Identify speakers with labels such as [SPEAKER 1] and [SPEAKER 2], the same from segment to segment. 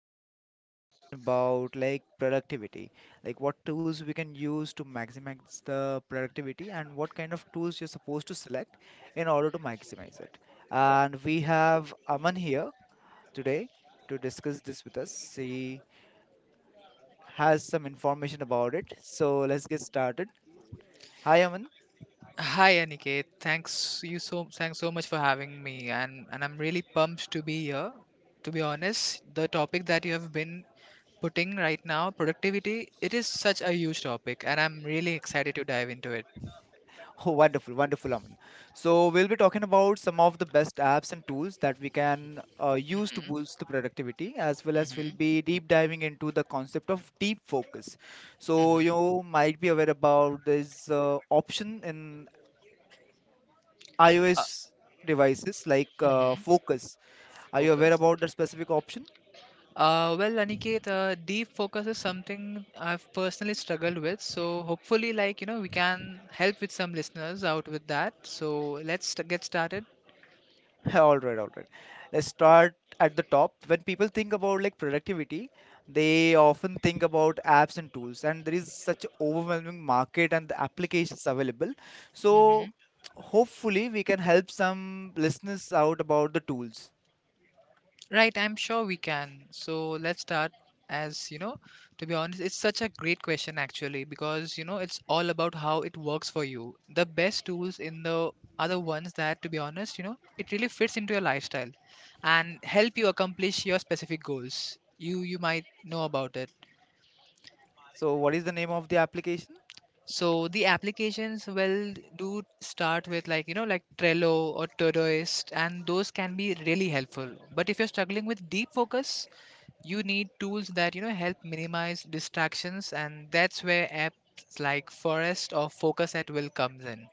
[SPEAKER 1] where we'll be talking about like productivity, like what tools we can use to maximize the productivity and what kind of tools you're supposed to select in order to maximize it. And we have Aman here today to discuss this with us. He has some information about it. So let's get started. Hi, Aman.
[SPEAKER 2] Hi Aniket, thanks so much for having me and I'm really pumped to be here. To be honest, the topic that you have been putting right now, productivity, it is such a huge topic and I'm really excited to dive into it.
[SPEAKER 1] Oh, wonderful, wonderful, Aman. So we'll be talking about some of the best apps and tools that we can use to
[SPEAKER 2] Mhm,
[SPEAKER 1] boost the productivity, as well as we'll
[SPEAKER 2] mhm,
[SPEAKER 1] be deep diving into the concept of deep focus. So
[SPEAKER 2] mhm.
[SPEAKER 1] you might be aware about this option in
[SPEAKER 2] Uh,
[SPEAKER 1] iOS devices like
[SPEAKER 2] mhm.
[SPEAKER 1] Focus. Are you aware
[SPEAKER 2] Focus.
[SPEAKER 1] about that specific option?
[SPEAKER 2] Well, Aniket, deep focus is something I've personally struggled with. So hopefully, like you know, we can help with some listeners out with that. So get started.
[SPEAKER 1] All right, all right. Let's start at the top. When people think about like productivity, they often think about apps and tools, and there is such overwhelming market and the applications available. So hopefully we can help some listeners out about the tools.
[SPEAKER 2] Right, I'm sure we can. So let's start, as you know, to be honest, it's such a great question actually because, you know, it's all about how it works for you. The best tools in the are the ones that, to be honest, you know, it really fits into your lifestyle and help you accomplish your specific goals. You might know about it.
[SPEAKER 1] So what is the name of the application?
[SPEAKER 2] So the applications well do start with like you know like Trello or Todoist, and those can be really helpful. But if you're struggling with deep focus, you need tools that you know help minimize distractions, and that's where apps like Forest or Focus at Will comes in.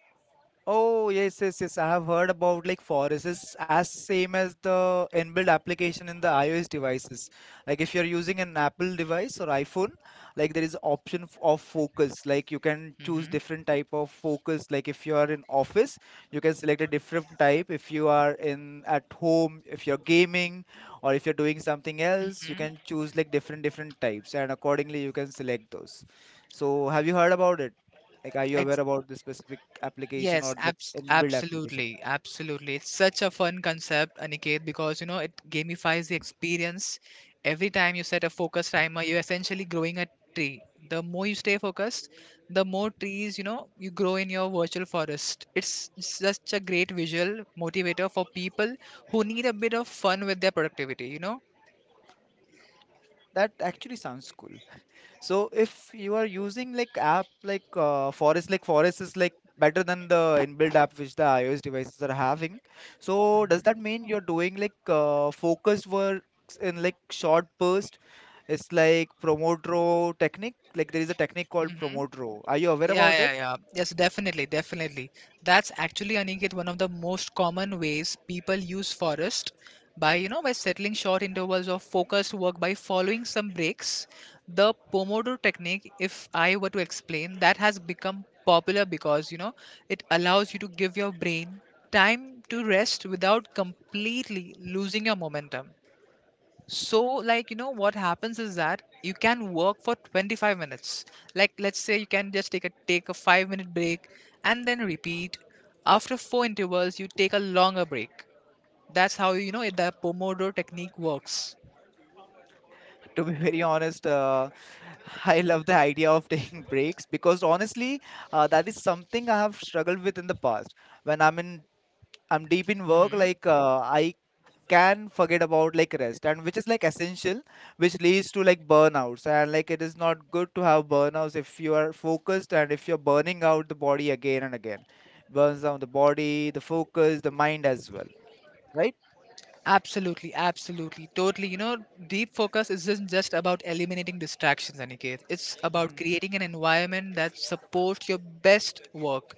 [SPEAKER 1] Oh, yes, yes, yes. I have heard about like Forest is as same as the inbuilt application in the iOS devices. Like if you're using an Apple device or iPhone, like there is option of focus. Like you can choose different type of focus. Like if you are in office, you can select a different type. If you are in at home, if you're gaming or if you're doing something else, you
[SPEAKER 2] hmm
[SPEAKER 1] can choose like different different types and accordingly you can select those. So have you heard about it? Like, are you aware about the specific application
[SPEAKER 2] Yes,
[SPEAKER 1] or that's inbuilt application?
[SPEAKER 2] absolutely, absolutely. It's such a fun concept, Aniket, because you know it gamifies the experience. Every time you set a focus timer, you're essentially growing a tree. The more you stay focused, the more trees you know you grow in your virtual forest. It's such a great visual motivator for people who need a bit of fun with their productivity,
[SPEAKER 1] That actually sounds cool. So if you are using like app like Forest, like Forest is like better than the inbuilt app which the iOS devices are having. So does that mean you're doing like focused works in like short burst? It's like promote row technique. Like there is a technique called
[SPEAKER 2] Mm-hmm.
[SPEAKER 1] promote row. Are you aware
[SPEAKER 2] Yeah,
[SPEAKER 1] about that?
[SPEAKER 2] yeah, yeah. Yes, definitely, definitely. That's actually, Aniket, one of the most common ways people use Forest, by, you know, by settling short intervals of focused work by following some breaks. The Pomodoro technique, if I were to explain, that has become popular because, you know, it allows you to give your brain time to rest without completely losing your momentum. So, like, you know, what happens is that you can work for 25 minutes. Like, let's say you can just take a 5 minute break and then repeat. After 4 intervals, you take a longer break. That's how you know it, the Pomodoro technique works.
[SPEAKER 1] To be very honest, I love the idea of taking breaks because honestly, that is something I have struggled with in the past. When I'm in, I'm deep in work,
[SPEAKER 2] hmm
[SPEAKER 1] like I can forget about like rest and which is like essential, which leads to like burnouts, and like it is not good to have burnouts if you are focused, and if you're burning out the body again and again, burns down the body, the focus, the mind as well, right?
[SPEAKER 2] Absolutely, absolutely, totally. You know, deep focus isn't just about eliminating distractions, Aniket. It's about creating an environment that supports your best work.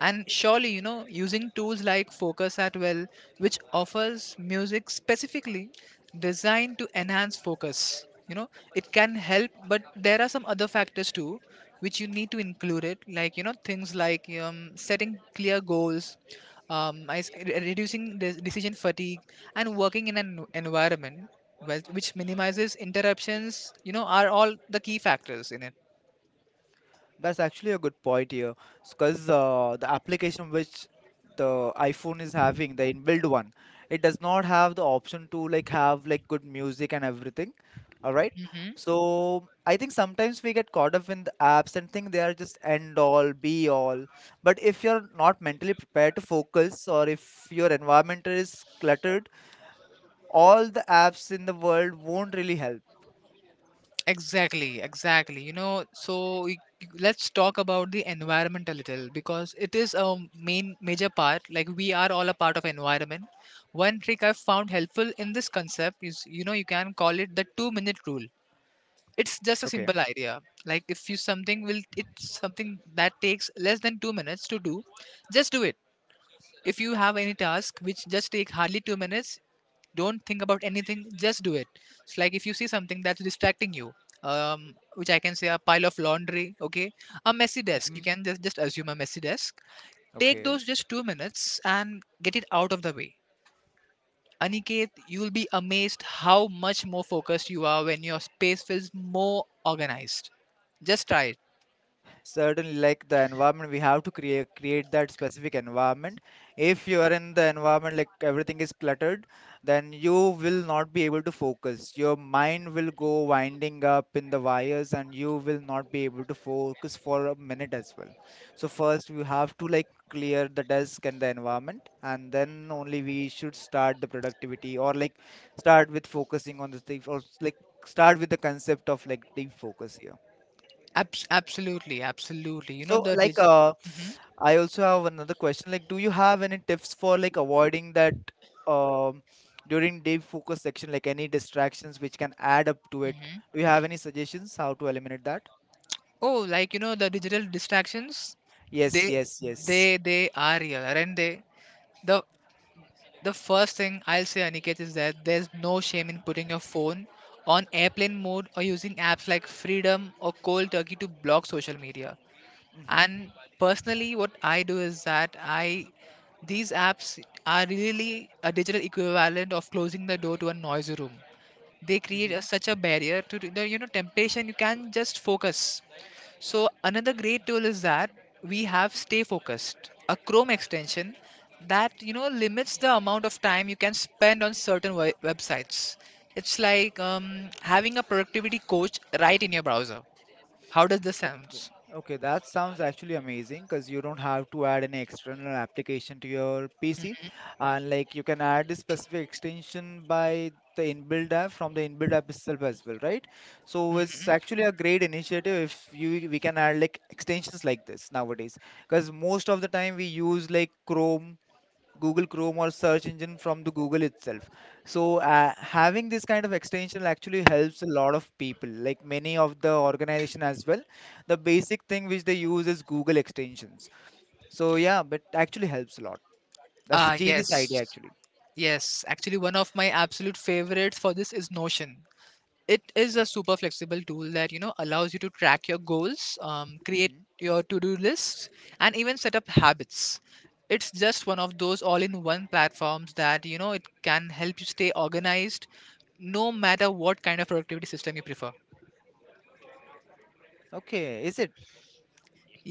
[SPEAKER 2] And surely, you know, using tools like Focus at Well, which offers music specifically designed to enhance focus, you know, it can help, but there are some other factors too which you need to include it, like, you know, things like setting clear goals, reducing decision fatigue and working in an environment which minimizes interruptions, you know, are all the key factors in it.
[SPEAKER 1] That's actually a good point here, because the application which the iPhone is having, the inbuilt one, it does not have the option to like have like good music and everything. All right.
[SPEAKER 2] hmm
[SPEAKER 1] So I think sometimes we get caught up in the apps and think they are just end all, be all. But if you're not mentally prepared to focus, or if your environment is cluttered, all the apps in the world won't really help.
[SPEAKER 2] Exactly, exactly. You know, let's talk about the environment a little because it is a main major part. Like we are all a part of environment. One trick I've found helpful in this concept is, you know, you can call it the two-minute rule. It's just a
[SPEAKER 1] Okay.
[SPEAKER 2] simple idea. Like if you it's something that takes less than 2 minutes to do, just do it. If you have any task which just take hardly 2 minutes, don't think about anything. Just do it. It's like if you see something that's distracting you, which I can say a pile of laundry, okay, a messy desk. You
[SPEAKER 1] Hmm.
[SPEAKER 2] can just assume a messy desk. Take
[SPEAKER 1] Okay.
[SPEAKER 2] those just 2 minutes and get it out of the way. Aniket, you will be amazed how much more focused you are when your space feels more organized. Just try it.
[SPEAKER 1] Certainly. Like, the environment, we have to create that specific environment. If you are in the environment like everything is cluttered, then you will not be able to focus. Your mind will go winding up in the wires, and you will not be able to focus for a minute as well. So first we have to like clear the desk and the environment, and then only we should start the productivity, or like start with focusing on the thing, or like start with the concept of like deep focus here.
[SPEAKER 2] Absolutely, absolutely. You know
[SPEAKER 1] So, like, I also have another question. Like, do you have any tips for like avoiding that um, during day focus section, like any distractions which can add up to it?
[SPEAKER 2] hmm
[SPEAKER 1] Do you have any suggestions how to eliminate that?
[SPEAKER 2] Oh, like you know, the digital distractions,
[SPEAKER 1] Yes,
[SPEAKER 2] they
[SPEAKER 1] yes, yes.
[SPEAKER 2] they are real, aren't they? The first thing I'll say, Aniket, is that there's no shame in putting your phone on airplane mode or using apps like Freedom or Cold Turkey to block social media.
[SPEAKER 1] Mm-hmm.
[SPEAKER 2] And personally, what I do is that I, these apps are really a digital equivalent of closing the door to a noisy room. They
[SPEAKER 1] Mm-hmm.
[SPEAKER 2] create a, such a barrier to the, you know, temptation. You can just focus. So another great tool is that we have Stay Focused, a Chrome extension that you know limits the amount of time you can spend on certain websites. It's like having a productivity coach right in your browser. How does this
[SPEAKER 1] Okay,
[SPEAKER 2] sounds?
[SPEAKER 1] okay, that sounds actually amazing because you don't have to add any external application to your PC, and like you can add a specific extension by the inbuilt app from the inbuilt app itself as well, right? So it's
[SPEAKER 2] mm-hmm.
[SPEAKER 1] actually a great initiative if you we can add like extensions like this nowadays, because most of the time we use like Chrome, Google Chrome, or search engine from the Google itself. So having this kind of extension actually helps a lot of people, like many of the organization as well. The basic thing which they use is Google extensions. So yeah, but actually helps a lot. That's a genius
[SPEAKER 2] Yes,
[SPEAKER 1] idea actually.
[SPEAKER 2] yes, actually one of my absolute favorites for this is Notion. It is a super flexible tool that you know allows you to track your goals, create
[SPEAKER 1] Hmm.
[SPEAKER 2] your to-do lists and even set up habits. It's just one of those all-in-one platforms that you know it can help you stay organized no matter what kind of productivity system you prefer.
[SPEAKER 1] Okay, is it?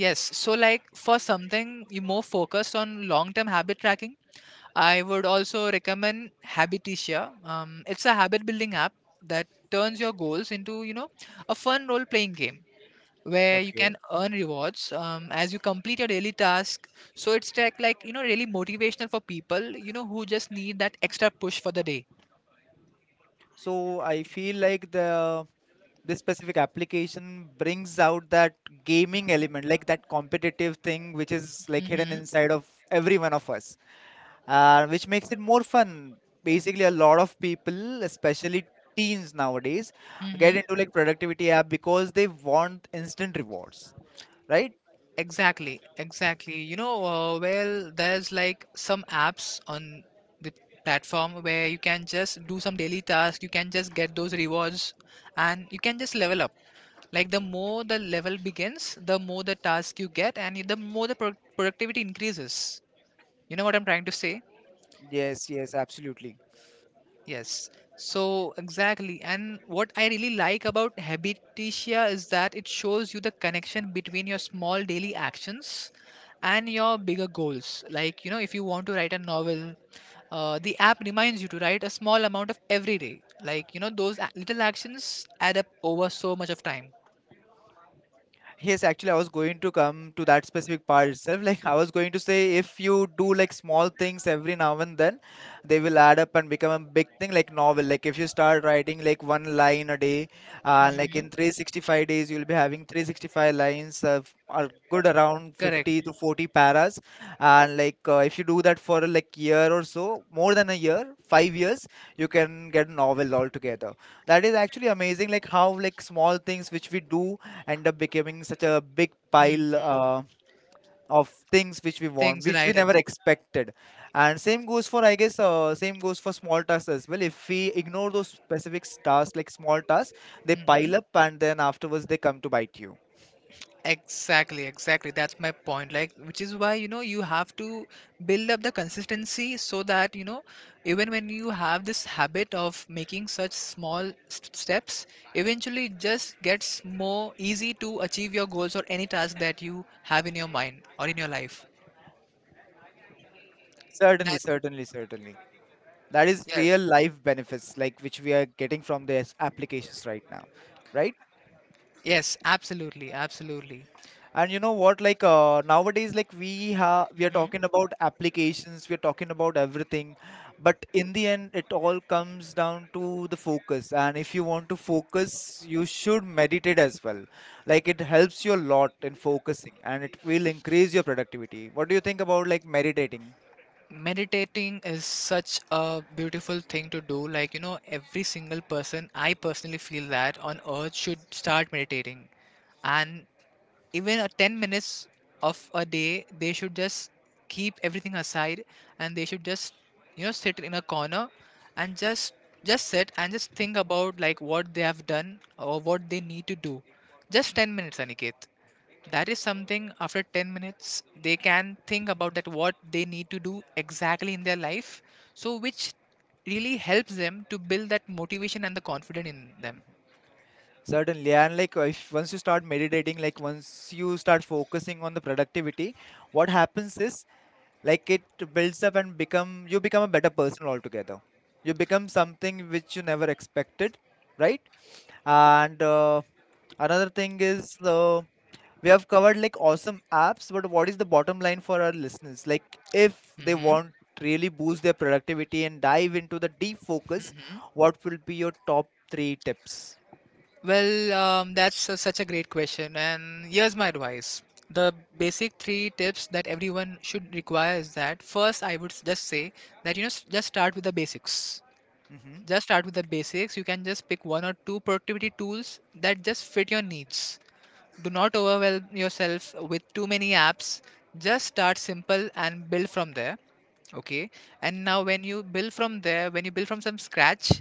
[SPEAKER 2] Yes, so like for something you more focused on long-term habit tracking, I would also recommend Habiticia. It's a habit building app that turns your goals into, you know, a fun role-playing game where you
[SPEAKER 1] Okay.
[SPEAKER 2] can earn rewards, as you complete your daily task. So it's like you know, really motivational for people, you know, who just need that extra push for the day.
[SPEAKER 1] So I feel like the this specific application brings out that gaming element, like that competitive thing which is like hidden
[SPEAKER 2] mm-hmm.
[SPEAKER 1] inside of every one of us. Which makes it more fun. Basically, a lot of people, especially teens nowadays, get
[SPEAKER 2] Mm-hmm.
[SPEAKER 1] into like productivity app because they want instant rewards, right?
[SPEAKER 2] Exactly, exactly. You know, well, there's like some apps on the platform where you can just do some daily tasks, you can just get those rewards, and you can just level up. Like the more the level begins, the more the task you get, and the more the productivity increases. You know what I'm trying to say?
[SPEAKER 1] Yes, yes, absolutely.
[SPEAKER 2] Yes, so exactly. And what I really like about Habititia is that it shows you the connection between your small daily actions and your bigger goals. Like, you know, if you want to write a novel, the app reminds you to write a small amount of every day. Like, you know, those little actions add up over so much of time.
[SPEAKER 1] Yes, actually, I was going to come to that specific part itself. Like, I was going to say, if you do like small things every now and then, they will add up and become a big thing, like novel. Like, if you start writing like one line a day, like
[SPEAKER 2] hmm
[SPEAKER 1] in 365 days, you'll be having 365 lines of are good around
[SPEAKER 2] Correct.
[SPEAKER 1] 50 to 40 paras. And like, if you do that for like year or so, more than a year, 5 years, you can get a novel altogether. That is actually amazing, like how like small things which we do end up becoming such a big pile
[SPEAKER 2] Mm.
[SPEAKER 1] of things which we want,
[SPEAKER 2] Things,
[SPEAKER 1] which we
[SPEAKER 2] right?
[SPEAKER 1] never expected. And same goes for, I guess same goes for small tasks as well. If we ignore those specific tasks, like small tasks, they pile up and then afterwards they come to bite you.
[SPEAKER 2] Exactly, exactly. That's my point. Like, which is why, you know, you have to build up the consistency so that, you know, even when you have this habit of making such steps, eventually it just gets more easy to achieve your goals or any task that you have in your mind or in your life.
[SPEAKER 1] Certainly,
[SPEAKER 2] That,
[SPEAKER 1] certainly, certainly. That is
[SPEAKER 2] yeah,
[SPEAKER 1] real life benefits like which we are getting from these applications right now, right?
[SPEAKER 2] yes, absolutely, absolutely.
[SPEAKER 1] And you know what? Like nowadays, like we are
[SPEAKER 2] Mhm.
[SPEAKER 1] talking about applications, we are talking about everything, but in the end, it all comes down to the focus. And if you want to focus, you should meditate as well. Like it helps you a lot in focusing, and it will increase your productivity. What do you think about like meditating?
[SPEAKER 2] Meditating is such a beautiful thing to do. Like, you know, every single person, I personally feel, that on earth should start meditating. And even a 10 minutes of a day, they should just keep everything aside and they should just, you know, sit in a corner and just sit and just think about like what they have done or what they need to do. Just 10 minutes, Aniket. That is something after 10 minutes they can think about that what they need to do exactly in their life. So which really helps them to build that motivation and the confidence in them.
[SPEAKER 1] Certainly, and like if once you start meditating, like once you start focusing on the productivity, what happens is like it builds up and become you become a better person altogether. You become something which you never expected, right? And another thing is, we have covered like awesome apps, but what is the bottom line for our listeners, like if they
[SPEAKER 2] hmm
[SPEAKER 1] want really boost their productivity and dive into the deep focus,
[SPEAKER 2] hmm
[SPEAKER 1] what will be your top three tips?
[SPEAKER 2] well, that's such a great question, and here's my advice. The basic three tips that everyone should require is that first I would just say that, you know, just start with the basics.
[SPEAKER 1] Mm-hmm.
[SPEAKER 2] Just start with the basics. You can just pick one or two productivity tools that just fit your needs. Do not overwhelm yourself with too many apps. Just start simple and build from there. Okay. And now, when you build from there, when you build from some scratch,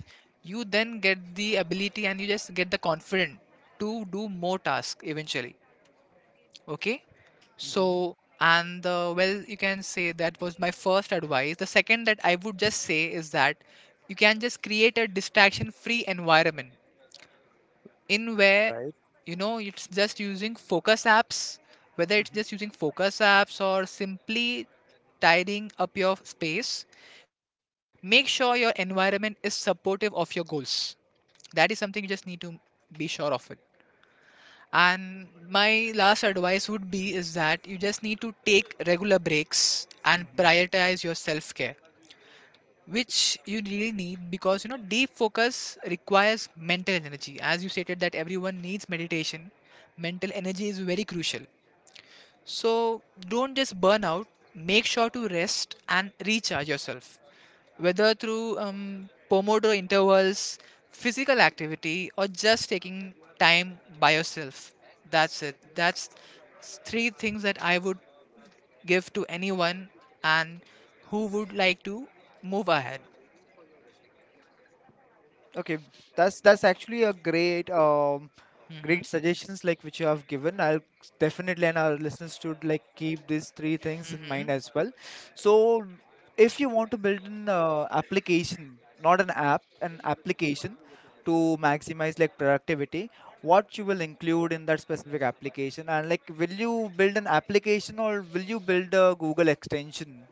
[SPEAKER 2] you then get the ability and you just get the confidence to do more tasks eventually. Okay.
[SPEAKER 1] Mm-hmm.
[SPEAKER 2] So, and well, you can say that was my first advice. The second that I would just say is that you can just create a distraction free environment in where,
[SPEAKER 1] Right.
[SPEAKER 2] you know, it's just using focus apps, whether it's
[SPEAKER 1] Mm-hmm.
[SPEAKER 2] just using focus apps or simply tidying up your space. Make sure your environment is supportive of your goals. That is something you just need to be sure of it. And my last advice would be is that you just need to take regular breaks and
[SPEAKER 1] Mm-hmm.
[SPEAKER 2] prioritize your self care, which you really need because, you know, deep focus requires mental energy. As you stated that everyone needs meditation, mental energy is very crucial. So don't just burn out. Make sure to rest and recharge yourself, whether through Pomodoro intervals, physical activity, or just taking time by yourself. That's it. That's three things that I would give to anyone and who would like to move ahead.
[SPEAKER 1] Okay, that's actually a great great
[SPEAKER 2] Mhm.
[SPEAKER 1] suggestions like which you have given. I'll definitely, and our listeners should like keep these three things in mind as well. So if you want to build an application, not an app, an application to maximize like productivity, what you will include in that specific application, and like will you build an application or will you build a Google extension?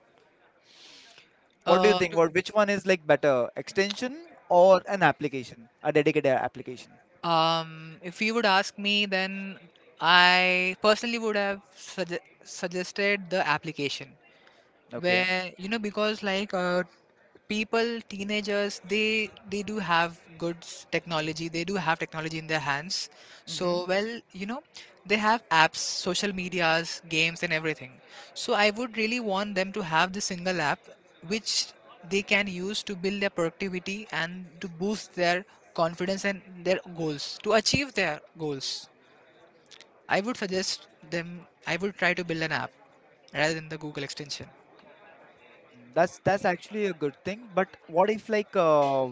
[SPEAKER 1] What do you
[SPEAKER 2] Uh,
[SPEAKER 1] think?
[SPEAKER 2] to,
[SPEAKER 1] What which one is like better, extension or an application, a dedicated application?
[SPEAKER 2] if you would ask me, then I personally would have suggested the application
[SPEAKER 1] Okay.
[SPEAKER 2] where, you know, because, like, people, teenagers, they do have good technology. They do have technology in their hands.
[SPEAKER 1] Mm-hmm.
[SPEAKER 2] So, well, you know, they have apps, social medias, games, and everything. So I would really want them to have the single app which they can use to build their productivity and to boost their confidence and their goals, to achieve their goals. I would suggest them. I would try to build an app rather than the Google extension.
[SPEAKER 1] That's actually a good thing. But what if like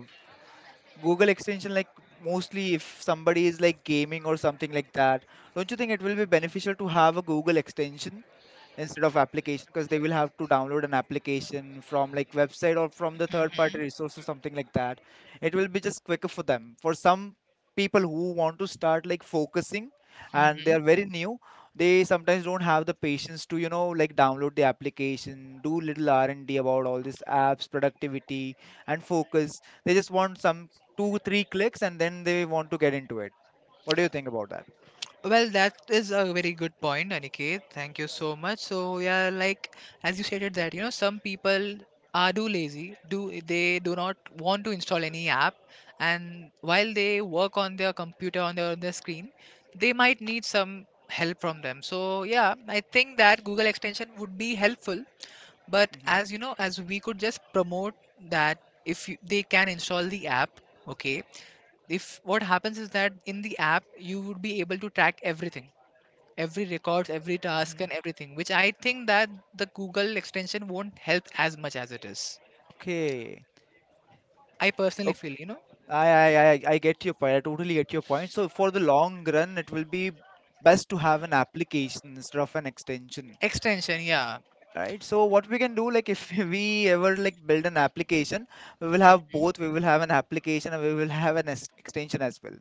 [SPEAKER 1] Google extension, like mostly if somebody is like gaming or something like that, don't you think it will be beneficial to have a Google extension? Instead of application, because they will have to download an application from like website or from the third party
[SPEAKER 2] Hmm.
[SPEAKER 1] resource or something like that. It will be just quicker for them. For some people who want to start like focusing and they are very new, they sometimes don't have the patience to like download the application, do little R&D about all these apps, productivity, and focus. They just want some two three clicks and then they want to get into it. What do you think about that?
[SPEAKER 2] Well, that is a very good point, Aniket. Thank you so much. So, yeah, like as you stated that, you know, some people are do lazy, do they do not want to install any app, and while they work on their computer on their screen, they might need some help from them. So, yeah, I think that Google extension would be helpful, but
[SPEAKER 1] Hmm.
[SPEAKER 2] as you know, as we could just promote that if you, they can install the app, okay. If what happens is that in the app you would be able to track everything, every records, every task, and
[SPEAKER 1] Hmm.
[SPEAKER 2] everything, which I think that the Google extension won't help as much as it is.
[SPEAKER 1] Okay.
[SPEAKER 2] I personally feel, you know.
[SPEAKER 1] I get your point. I totally get your point. So for the long run, it will be best to have an application instead of an extension,
[SPEAKER 2] Extension, yeah.
[SPEAKER 1] right? So what we can do, like if we ever like build an application, we will have both. We will have an application and we will have an extension as well.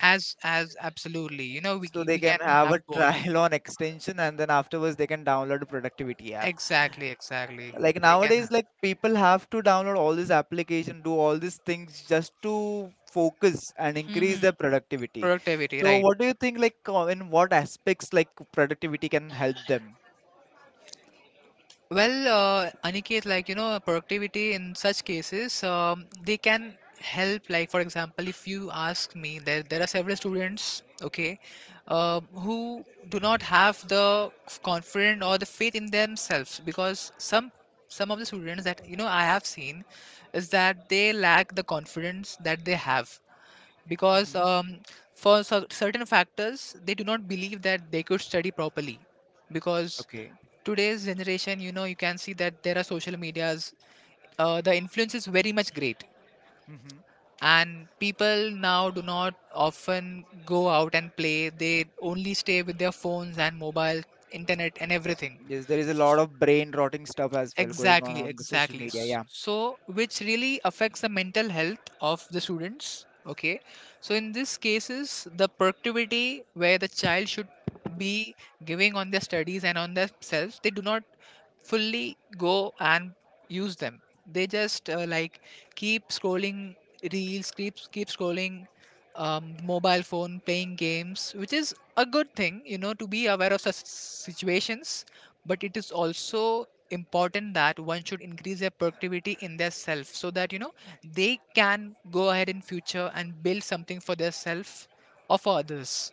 [SPEAKER 2] As absolutely, you know, we,
[SPEAKER 1] So they
[SPEAKER 2] we can
[SPEAKER 1] can have
[SPEAKER 2] have
[SPEAKER 1] a
[SPEAKER 2] both.
[SPEAKER 1] trial on extension, and then afterwards they can download a productivity app.
[SPEAKER 2] Exactly, exactly.
[SPEAKER 1] Like
[SPEAKER 2] They can
[SPEAKER 1] nowadays
[SPEAKER 2] have.
[SPEAKER 1] like people have to download all this application, do all these things just to focus and increase
[SPEAKER 2] Hmm.
[SPEAKER 1] their productivity.
[SPEAKER 2] Productivity,
[SPEAKER 1] So
[SPEAKER 2] right.
[SPEAKER 1] what do you think like in what aspects like productivity can help them?
[SPEAKER 2] Well, Aniket, like, you know, productivity in such cases, they can help. Like, for example, if you ask me, there are several students, okay. Who do not have the confidence or the faith in themselves because some of the students that, you know, I have seen is that they lack the confidence that they have, because
[SPEAKER 1] Hmm.
[SPEAKER 2] for certain factors they do not believe that they could study properly, because
[SPEAKER 1] Okay.
[SPEAKER 2] today's generation, you know, you can see that there are social medias. The influence is very much great.
[SPEAKER 1] Hmm.
[SPEAKER 2] And people now do not often go out and play. They only stay with their phones and mobile, internet, and everything.
[SPEAKER 1] Yes, there is a lot
[SPEAKER 2] S-
[SPEAKER 1] of brain rotting stuff as well going
[SPEAKER 2] exactly,
[SPEAKER 1] on the social
[SPEAKER 2] exactly.
[SPEAKER 1] media, yeah.
[SPEAKER 2] So which really affects the mental health of the students, okay. So in these cases the productivity where the child should be giving on their studies and on themselves, they do not fully go and use them. They just like, keep scrolling reels, keep scrolling mobile phone, playing games, which is a good thing, you know, to be aware of such situations. But it is also important that one should increase their productivity in their self so that, you know, they can go ahead in future and build something for their self or for others,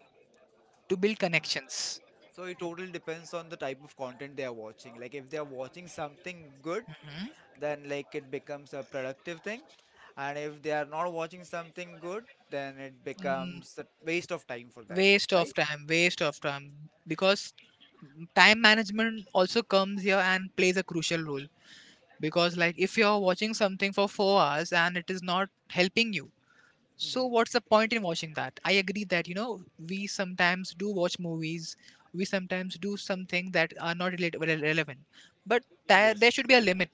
[SPEAKER 2] to build
[SPEAKER 1] Hmm.
[SPEAKER 2] connections.
[SPEAKER 1] So it totally depends on the type of content they are watching. Like if they are watching something good,
[SPEAKER 2] Mhm.
[SPEAKER 1] then like it becomes a productive thing. And if they are not watching something good, then it becomes a waste of time for them,
[SPEAKER 2] Waste of
[SPEAKER 1] right?
[SPEAKER 2] time, waste of time, because time management also comes here and plays a crucial role. Because, like, if you're watching something for 4 hours and it is not helping you, so
[SPEAKER 1] Hmm.
[SPEAKER 2] what's the point in watching that? I agree that, you know, we sometimes do watch movies, we sometimes do something that are not relevant, but there should
[SPEAKER 1] Yes.
[SPEAKER 2] be a limit.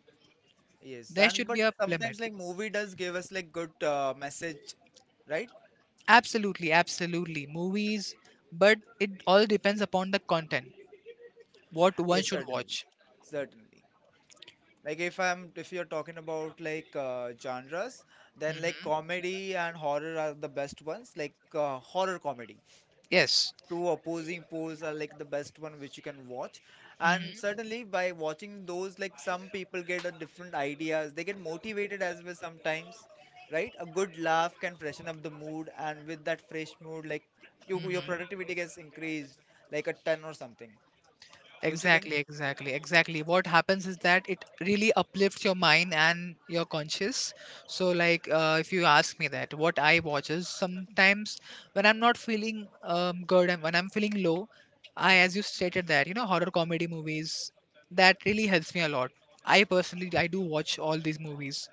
[SPEAKER 1] Yes.
[SPEAKER 2] There
[SPEAKER 1] And
[SPEAKER 2] should
[SPEAKER 1] but
[SPEAKER 2] be a limit.
[SPEAKER 1] sometimes like movie does give us like good message, right?
[SPEAKER 2] Absolutely, absolutely, movies. But it all depends upon the content, what one
[SPEAKER 1] Yes,
[SPEAKER 2] should
[SPEAKER 1] certainly.
[SPEAKER 2] watch.
[SPEAKER 1] Certainly. Like if you're talking about like genres, then like
[SPEAKER 2] Hmm.
[SPEAKER 1] comedy and horror are the best ones, like horror comedy.
[SPEAKER 2] Yes.
[SPEAKER 1] Two opposing poles are like the best one which you can watch, and
[SPEAKER 2] Hmm.
[SPEAKER 1] certainly by watching those, like, some people get a different ideas, they get motivated as well sometimes, right? A good laugh can freshen up the mood, and with that fresh mood like your
[SPEAKER 2] Hmm.
[SPEAKER 1] productivity gets increased like a ton or something. Don't you think?
[SPEAKER 2] Exactly, exactly, exactly. What happens is that it really uplifts your mind and your conscious. So, like, if you ask me that, what I watch is sometimes when I'm not feeling good, and when I'm feeling low, as you
[SPEAKER 1] Hmm.
[SPEAKER 2] stated that, you know, horror comedy movies, that really helps me a lot. I personally, I do watch all these movies,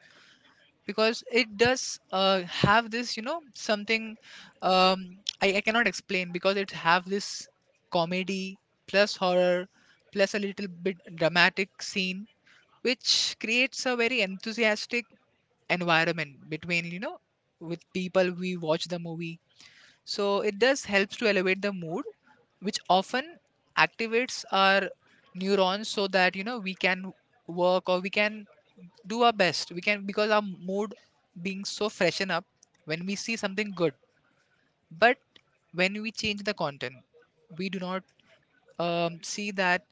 [SPEAKER 2] because it does have this, you know, something, I cannot explain because it have this comedy plus horror plus a little bit dramatic scene which creates a very enthusiastic environment between, you know, with people we watch the movie, so it does helps to elevate the mood, which often activates our neurons so that, you know, we can work or we can do our best. We can because our mood being so freshen up when we see something good. But when we change the content, we do not, see that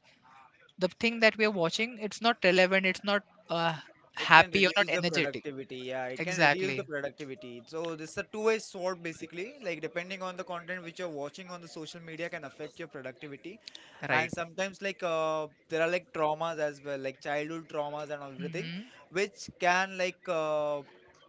[SPEAKER 2] the thing that we are watching it's not relevant. It's not uh,
[SPEAKER 1] It can
[SPEAKER 2] happy or
[SPEAKER 1] reduce
[SPEAKER 2] not
[SPEAKER 1] the
[SPEAKER 2] energetic.
[SPEAKER 1] productivity, yeah, it can reduce the
[SPEAKER 2] Exactly,
[SPEAKER 1] productivity. So this is a two-way sword, basically, like depending on the content which you're watching on the social media can affect your productivity. And
[SPEAKER 2] right.
[SPEAKER 1] sometimes like there are like traumas as well, like childhood traumas and everything,
[SPEAKER 2] Hmm.
[SPEAKER 1] which can like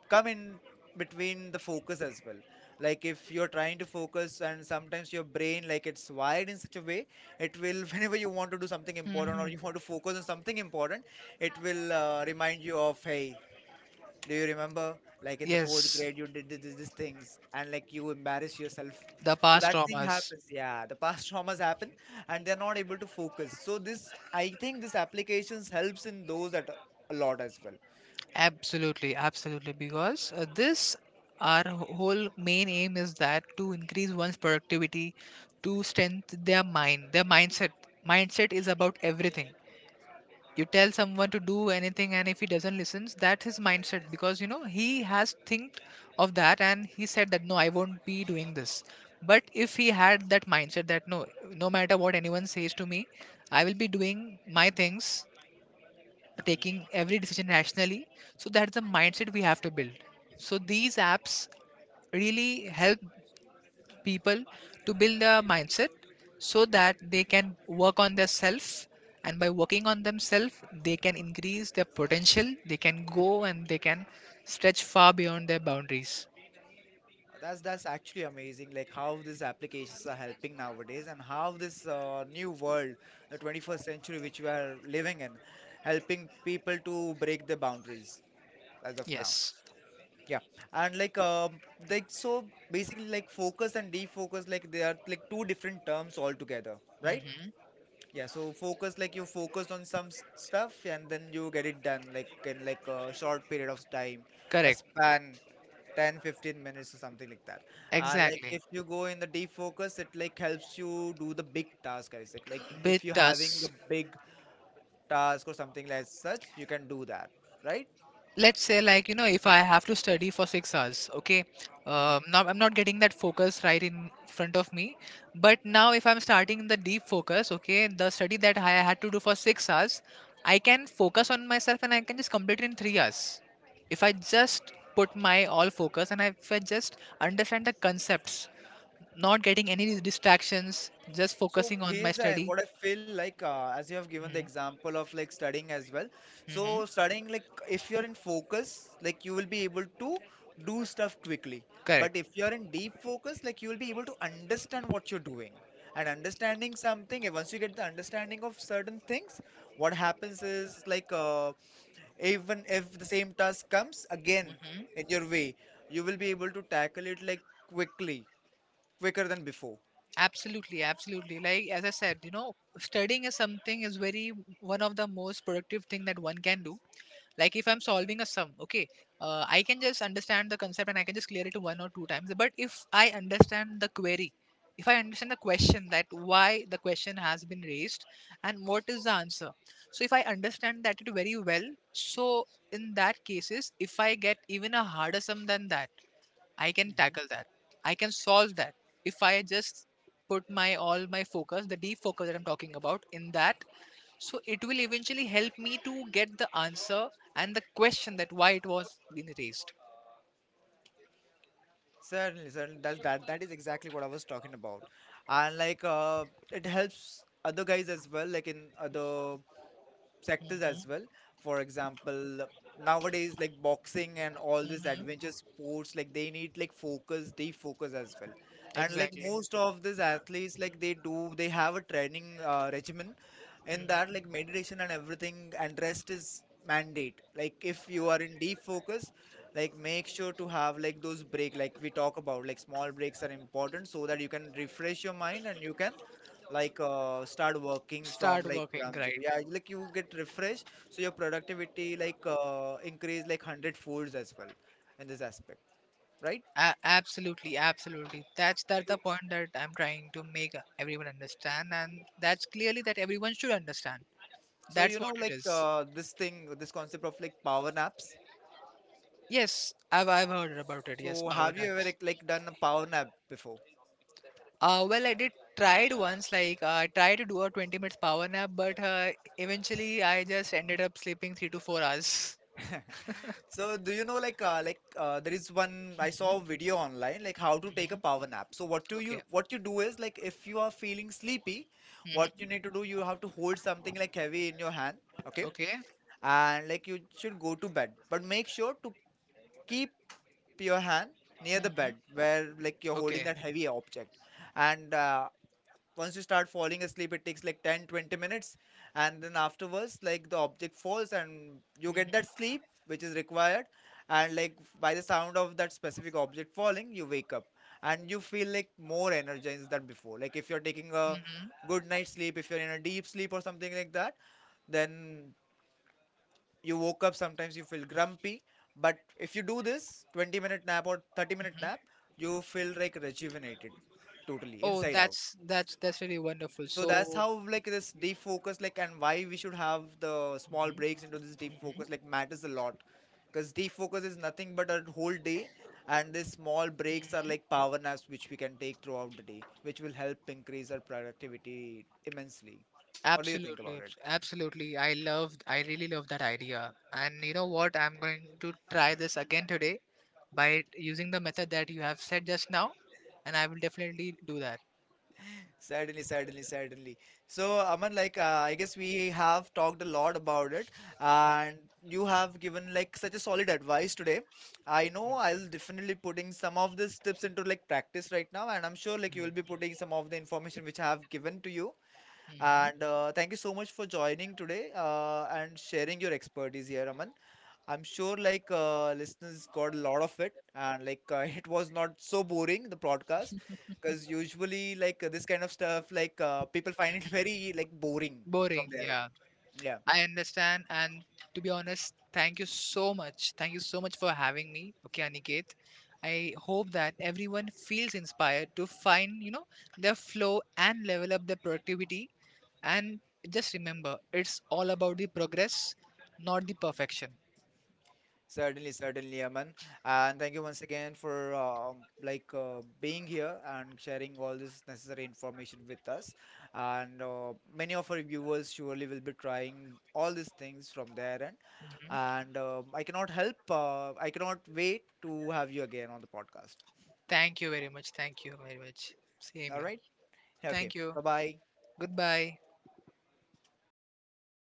[SPEAKER 1] come in between the focus as well. Like if you're trying to focus, and sometimes your brain like it's wired in such a way, it will whenever you want to do something important or
[SPEAKER 2] Hmm.
[SPEAKER 1] you want to focus on something important, it will remind you of, hey, do you remember? Like in the fourth
[SPEAKER 2] Yes,
[SPEAKER 1] grade, you did these things and like you embarrass yourself.
[SPEAKER 2] the
[SPEAKER 1] So
[SPEAKER 2] past
[SPEAKER 1] that thing
[SPEAKER 2] traumas.
[SPEAKER 1] happens. Yeah, the past traumas happen and they're not able to focus. So this, I think this applications helps in those that a lot as well.
[SPEAKER 2] Absolutely, absolutely. Because, this, our whole main aim is that to increase one's productivity, to strengthen their mind, their mindset. Mindset is about everything. You tell someone to do anything, and if he doesn't listen, that's his mindset. Because, you know, he has think of that, and he said that no, I won't be doing this. But if he had that mindset that no, no matter what anyone says to me, I will be doing my things,
[SPEAKER 1] Hmm.
[SPEAKER 2] taking every decision rationally. So that's the mindset we have to build. So these apps really help people to build a mindset so that they can work on their self, and by working on themselves they can increase their potential, they can go and they can stretch far beyond their boundaries.
[SPEAKER 1] That's actually amazing. Like how these applications are helping nowadays and how this new world, the 21st century which we are living in, helping people to break the boundaries as of now.
[SPEAKER 2] Yes.
[SPEAKER 1] Yeah, and like so basically like focus and defocus like they are like two different terms altogether, right?
[SPEAKER 2] Hmm.
[SPEAKER 1] Yeah, so focus like you focus on some stuff and then you get it done like in like a short period of time, a
[SPEAKER 2] Correct.
[SPEAKER 1] span 10, 15 minutes or something like that. And like
[SPEAKER 2] Exactly.
[SPEAKER 1] if you go in the defocus, it like helps you do the big task, I say. Like if you're
[SPEAKER 2] With
[SPEAKER 1] having a
[SPEAKER 2] us.
[SPEAKER 1] big task or something like such, you can do that, right?
[SPEAKER 2] Let's say, like, you know, if I have to study for 6 hours, okay,
[SPEAKER 1] Mm-hmm.
[SPEAKER 2] now I'm not getting that focus right in front of me. But now if I'm starting the deep focus, okay, the study that I had to do for 6 hours, I can focus on myself and I can just complete it in 3 hours. If I just put my all focus and if I just understand the concepts, not getting any distractions, just
[SPEAKER 1] So
[SPEAKER 2] focusing on my
[SPEAKER 1] here's
[SPEAKER 2] study.
[SPEAKER 1] what I feel like as you have given the
[SPEAKER 2] Mm-hmm.
[SPEAKER 1] example of like studying as well.
[SPEAKER 2] Mm-hmm.
[SPEAKER 1] So studying like if you're in focus, like you will be able to do stuff quickly.
[SPEAKER 2] Correct.
[SPEAKER 1] But if you're in deep focus, like you will be able to understand what you're doing. And understanding something, and once you get the understanding of certain things, what happens is like even if the same task comes again
[SPEAKER 2] Mm-hmm.
[SPEAKER 1] in your way, you will be able to tackle it like quickly, quicker than before.
[SPEAKER 2] Absolutely, absolutely, like as I said, you know, studying is something is very one of the most productive thing that one can do. Like if I'm solving a sum, okay, I can just understand the concept and I can just clear it one or two times, but if I understand the query, if I understand the question that why the question has been raised and what is the answer, so if I understand that it very well, so in that cases if I get even a harder sum than that, I can
[SPEAKER 1] Mhm.
[SPEAKER 2] tackle that. I can solve that. If I just put my all my focus, the deep focus that I'm talking about, in that, so it will eventually help me to get the answer and the question that why it was been raised.
[SPEAKER 1] Certainly, certainly. That's that. That is exactly what I was talking about, and like, it helps other guys as well, like in other sectors as well.
[SPEAKER 2] Hmm.
[SPEAKER 1] For example, nowadays like boxing and all this
[SPEAKER 2] Hmm.
[SPEAKER 1] adventure sports, like they need like focus, they focus as well. And like
[SPEAKER 2] Exactly.
[SPEAKER 1] most of these athletes, like they have a training regimen in that
[SPEAKER 2] Hmm.
[SPEAKER 1] like meditation and everything, and rest is mandate. Like if you are in deep focus, like make sure to have like those break, like we talk about, like small breaks are important so that you can refresh your mind and you can like start working from
[SPEAKER 2] Start
[SPEAKER 1] like
[SPEAKER 2] working,
[SPEAKER 1] ground zero.
[SPEAKER 2] right?
[SPEAKER 1] Yeah, like you get refreshed, so your productivity like increase like hundred folds as well in this aspect, right?
[SPEAKER 2] Absolutely, absolutely. That's the
[SPEAKER 1] So
[SPEAKER 2] point that I'm trying to make everyone understand, and that's clearly that everyone should understand.
[SPEAKER 1] so,
[SPEAKER 2] That's what it
[SPEAKER 1] like
[SPEAKER 2] is.
[SPEAKER 1] this concept of like power naps.
[SPEAKER 2] Yes, I've heard about it. Yes,
[SPEAKER 1] So
[SPEAKER 2] power
[SPEAKER 1] have you ever
[SPEAKER 2] naps.
[SPEAKER 1] done a power nap before?
[SPEAKER 2] Well, I did tried once. Like, I tried to do a 20 minutes power nap, but, eventually I just ended up sleeping 3 to 4 hours.
[SPEAKER 1] So do you know like there is one, I saw a
[SPEAKER 2] Hmm.
[SPEAKER 1] video online, like how to take a
[SPEAKER 2] Hmm.
[SPEAKER 1] power nap. So
[SPEAKER 2] Okay.
[SPEAKER 1] what you do is like if you are feeling sleepy, what you need
[SPEAKER 2] Hmm.
[SPEAKER 1] to do, you have to hold something like heavy in your hand, okay?
[SPEAKER 2] Okay.
[SPEAKER 1] And like you should go to bed, but make sure to keep your hand near the
[SPEAKER 2] Hmm.
[SPEAKER 1] bed where like you're holding
[SPEAKER 2] Okay.
[SPEAKER 1] that heavy object. And once you start falling asleep, it takes like 10, 20 minutes, and then afterwards like the object falls and you get that
[SPEAKER 2] Hmm.
[SPEAKER 1] sleep which is required, and like by the sound of that specific object falling you wake up and you feel like more energized than before. Like if you're taking a
[SPEAKER 2] Hmm.
[SPEAKER 1] good night's sleep, if you're in a deep sleep or something like that, then you woke up sometimes you feel grumpy. But if you do this 20-minute nap or 30-minute nap, you feel like rejuvenated, totally
[SPEAKER 2] Oh,
[SPEAKER 1] inside out.
[SPEAKER 2] that's really wonderful.
[SPEAKER 1] So that's
[SPEAKER 2] So,
[SPEAKER 1] how like this deep focus like and why we should have the small
[SPEAKER 2] Mhm,
[SPEAKER 1] breaks into this deep
[SPEAKER 2] mhm.
[SPEAKER 1] focus like matters a lot, because deep focus is nothing but a whole day and these small breaks are like power naps which we can take throughout the day, which will help increase our productivity immensely. What do you think about it?
[SPEAKER 2] Absolutely. I really love that idea. And you know what? I'm going to try this again today by using the method that you have said just now, and I will definitely do that.
[SPEAKER 1] Certainly, certainly, certainly. So, Aman, like, I guess we have talked a lot about it, and you have given like such a solid advice today. I know I'll definitely putting some of these tips into like practice right now, and I'm sure like you will be putting some of the information which I have given to you. And
[SPEAKER 2] Mm-hmm.
[SPEAKER 1] uh, thank you so much for joining today and sharing your expertise here, Aman. I'm sure like listeners got a lot of it and like it was not so boring the podcast, because usually like this kind of stuff like people find it very like boring from
[SPEAKER 2] Boring,
[SPEAKER 1] their end.
[SPEAKER 2] yeah.
[SPEAKER 1] Yeah,
[SPEAKER 2] I understand. And to be honest, thank you so much. Thank you so much for having me. Okay, Aniket. I hope that everyone feels inspired to find, you know, their flow and level up their productivity. And just remember, it's all about the progress, not the perfection.
[SPEAKER 1] certainly, certainly, Aman. And thank you once again for like being here and sharing all this necessary information with us. And many of our viewers surely will be trying all these things from their end.
[SPEAKER 2] Mhm.
[SPEAKER 1] And I cannot wait to have you again on the podcast.
[SPEAKER 2] Thank you very much. Thank you very much. Same
[SPEAKER 1] All
[SPEAKER 2] here.
[SPEAKER 1] right. Okay.
[SPEAKER 2] Thank you.
[SPEAKER 1] Bye bye.
[SPEAKER 2] Goodbye.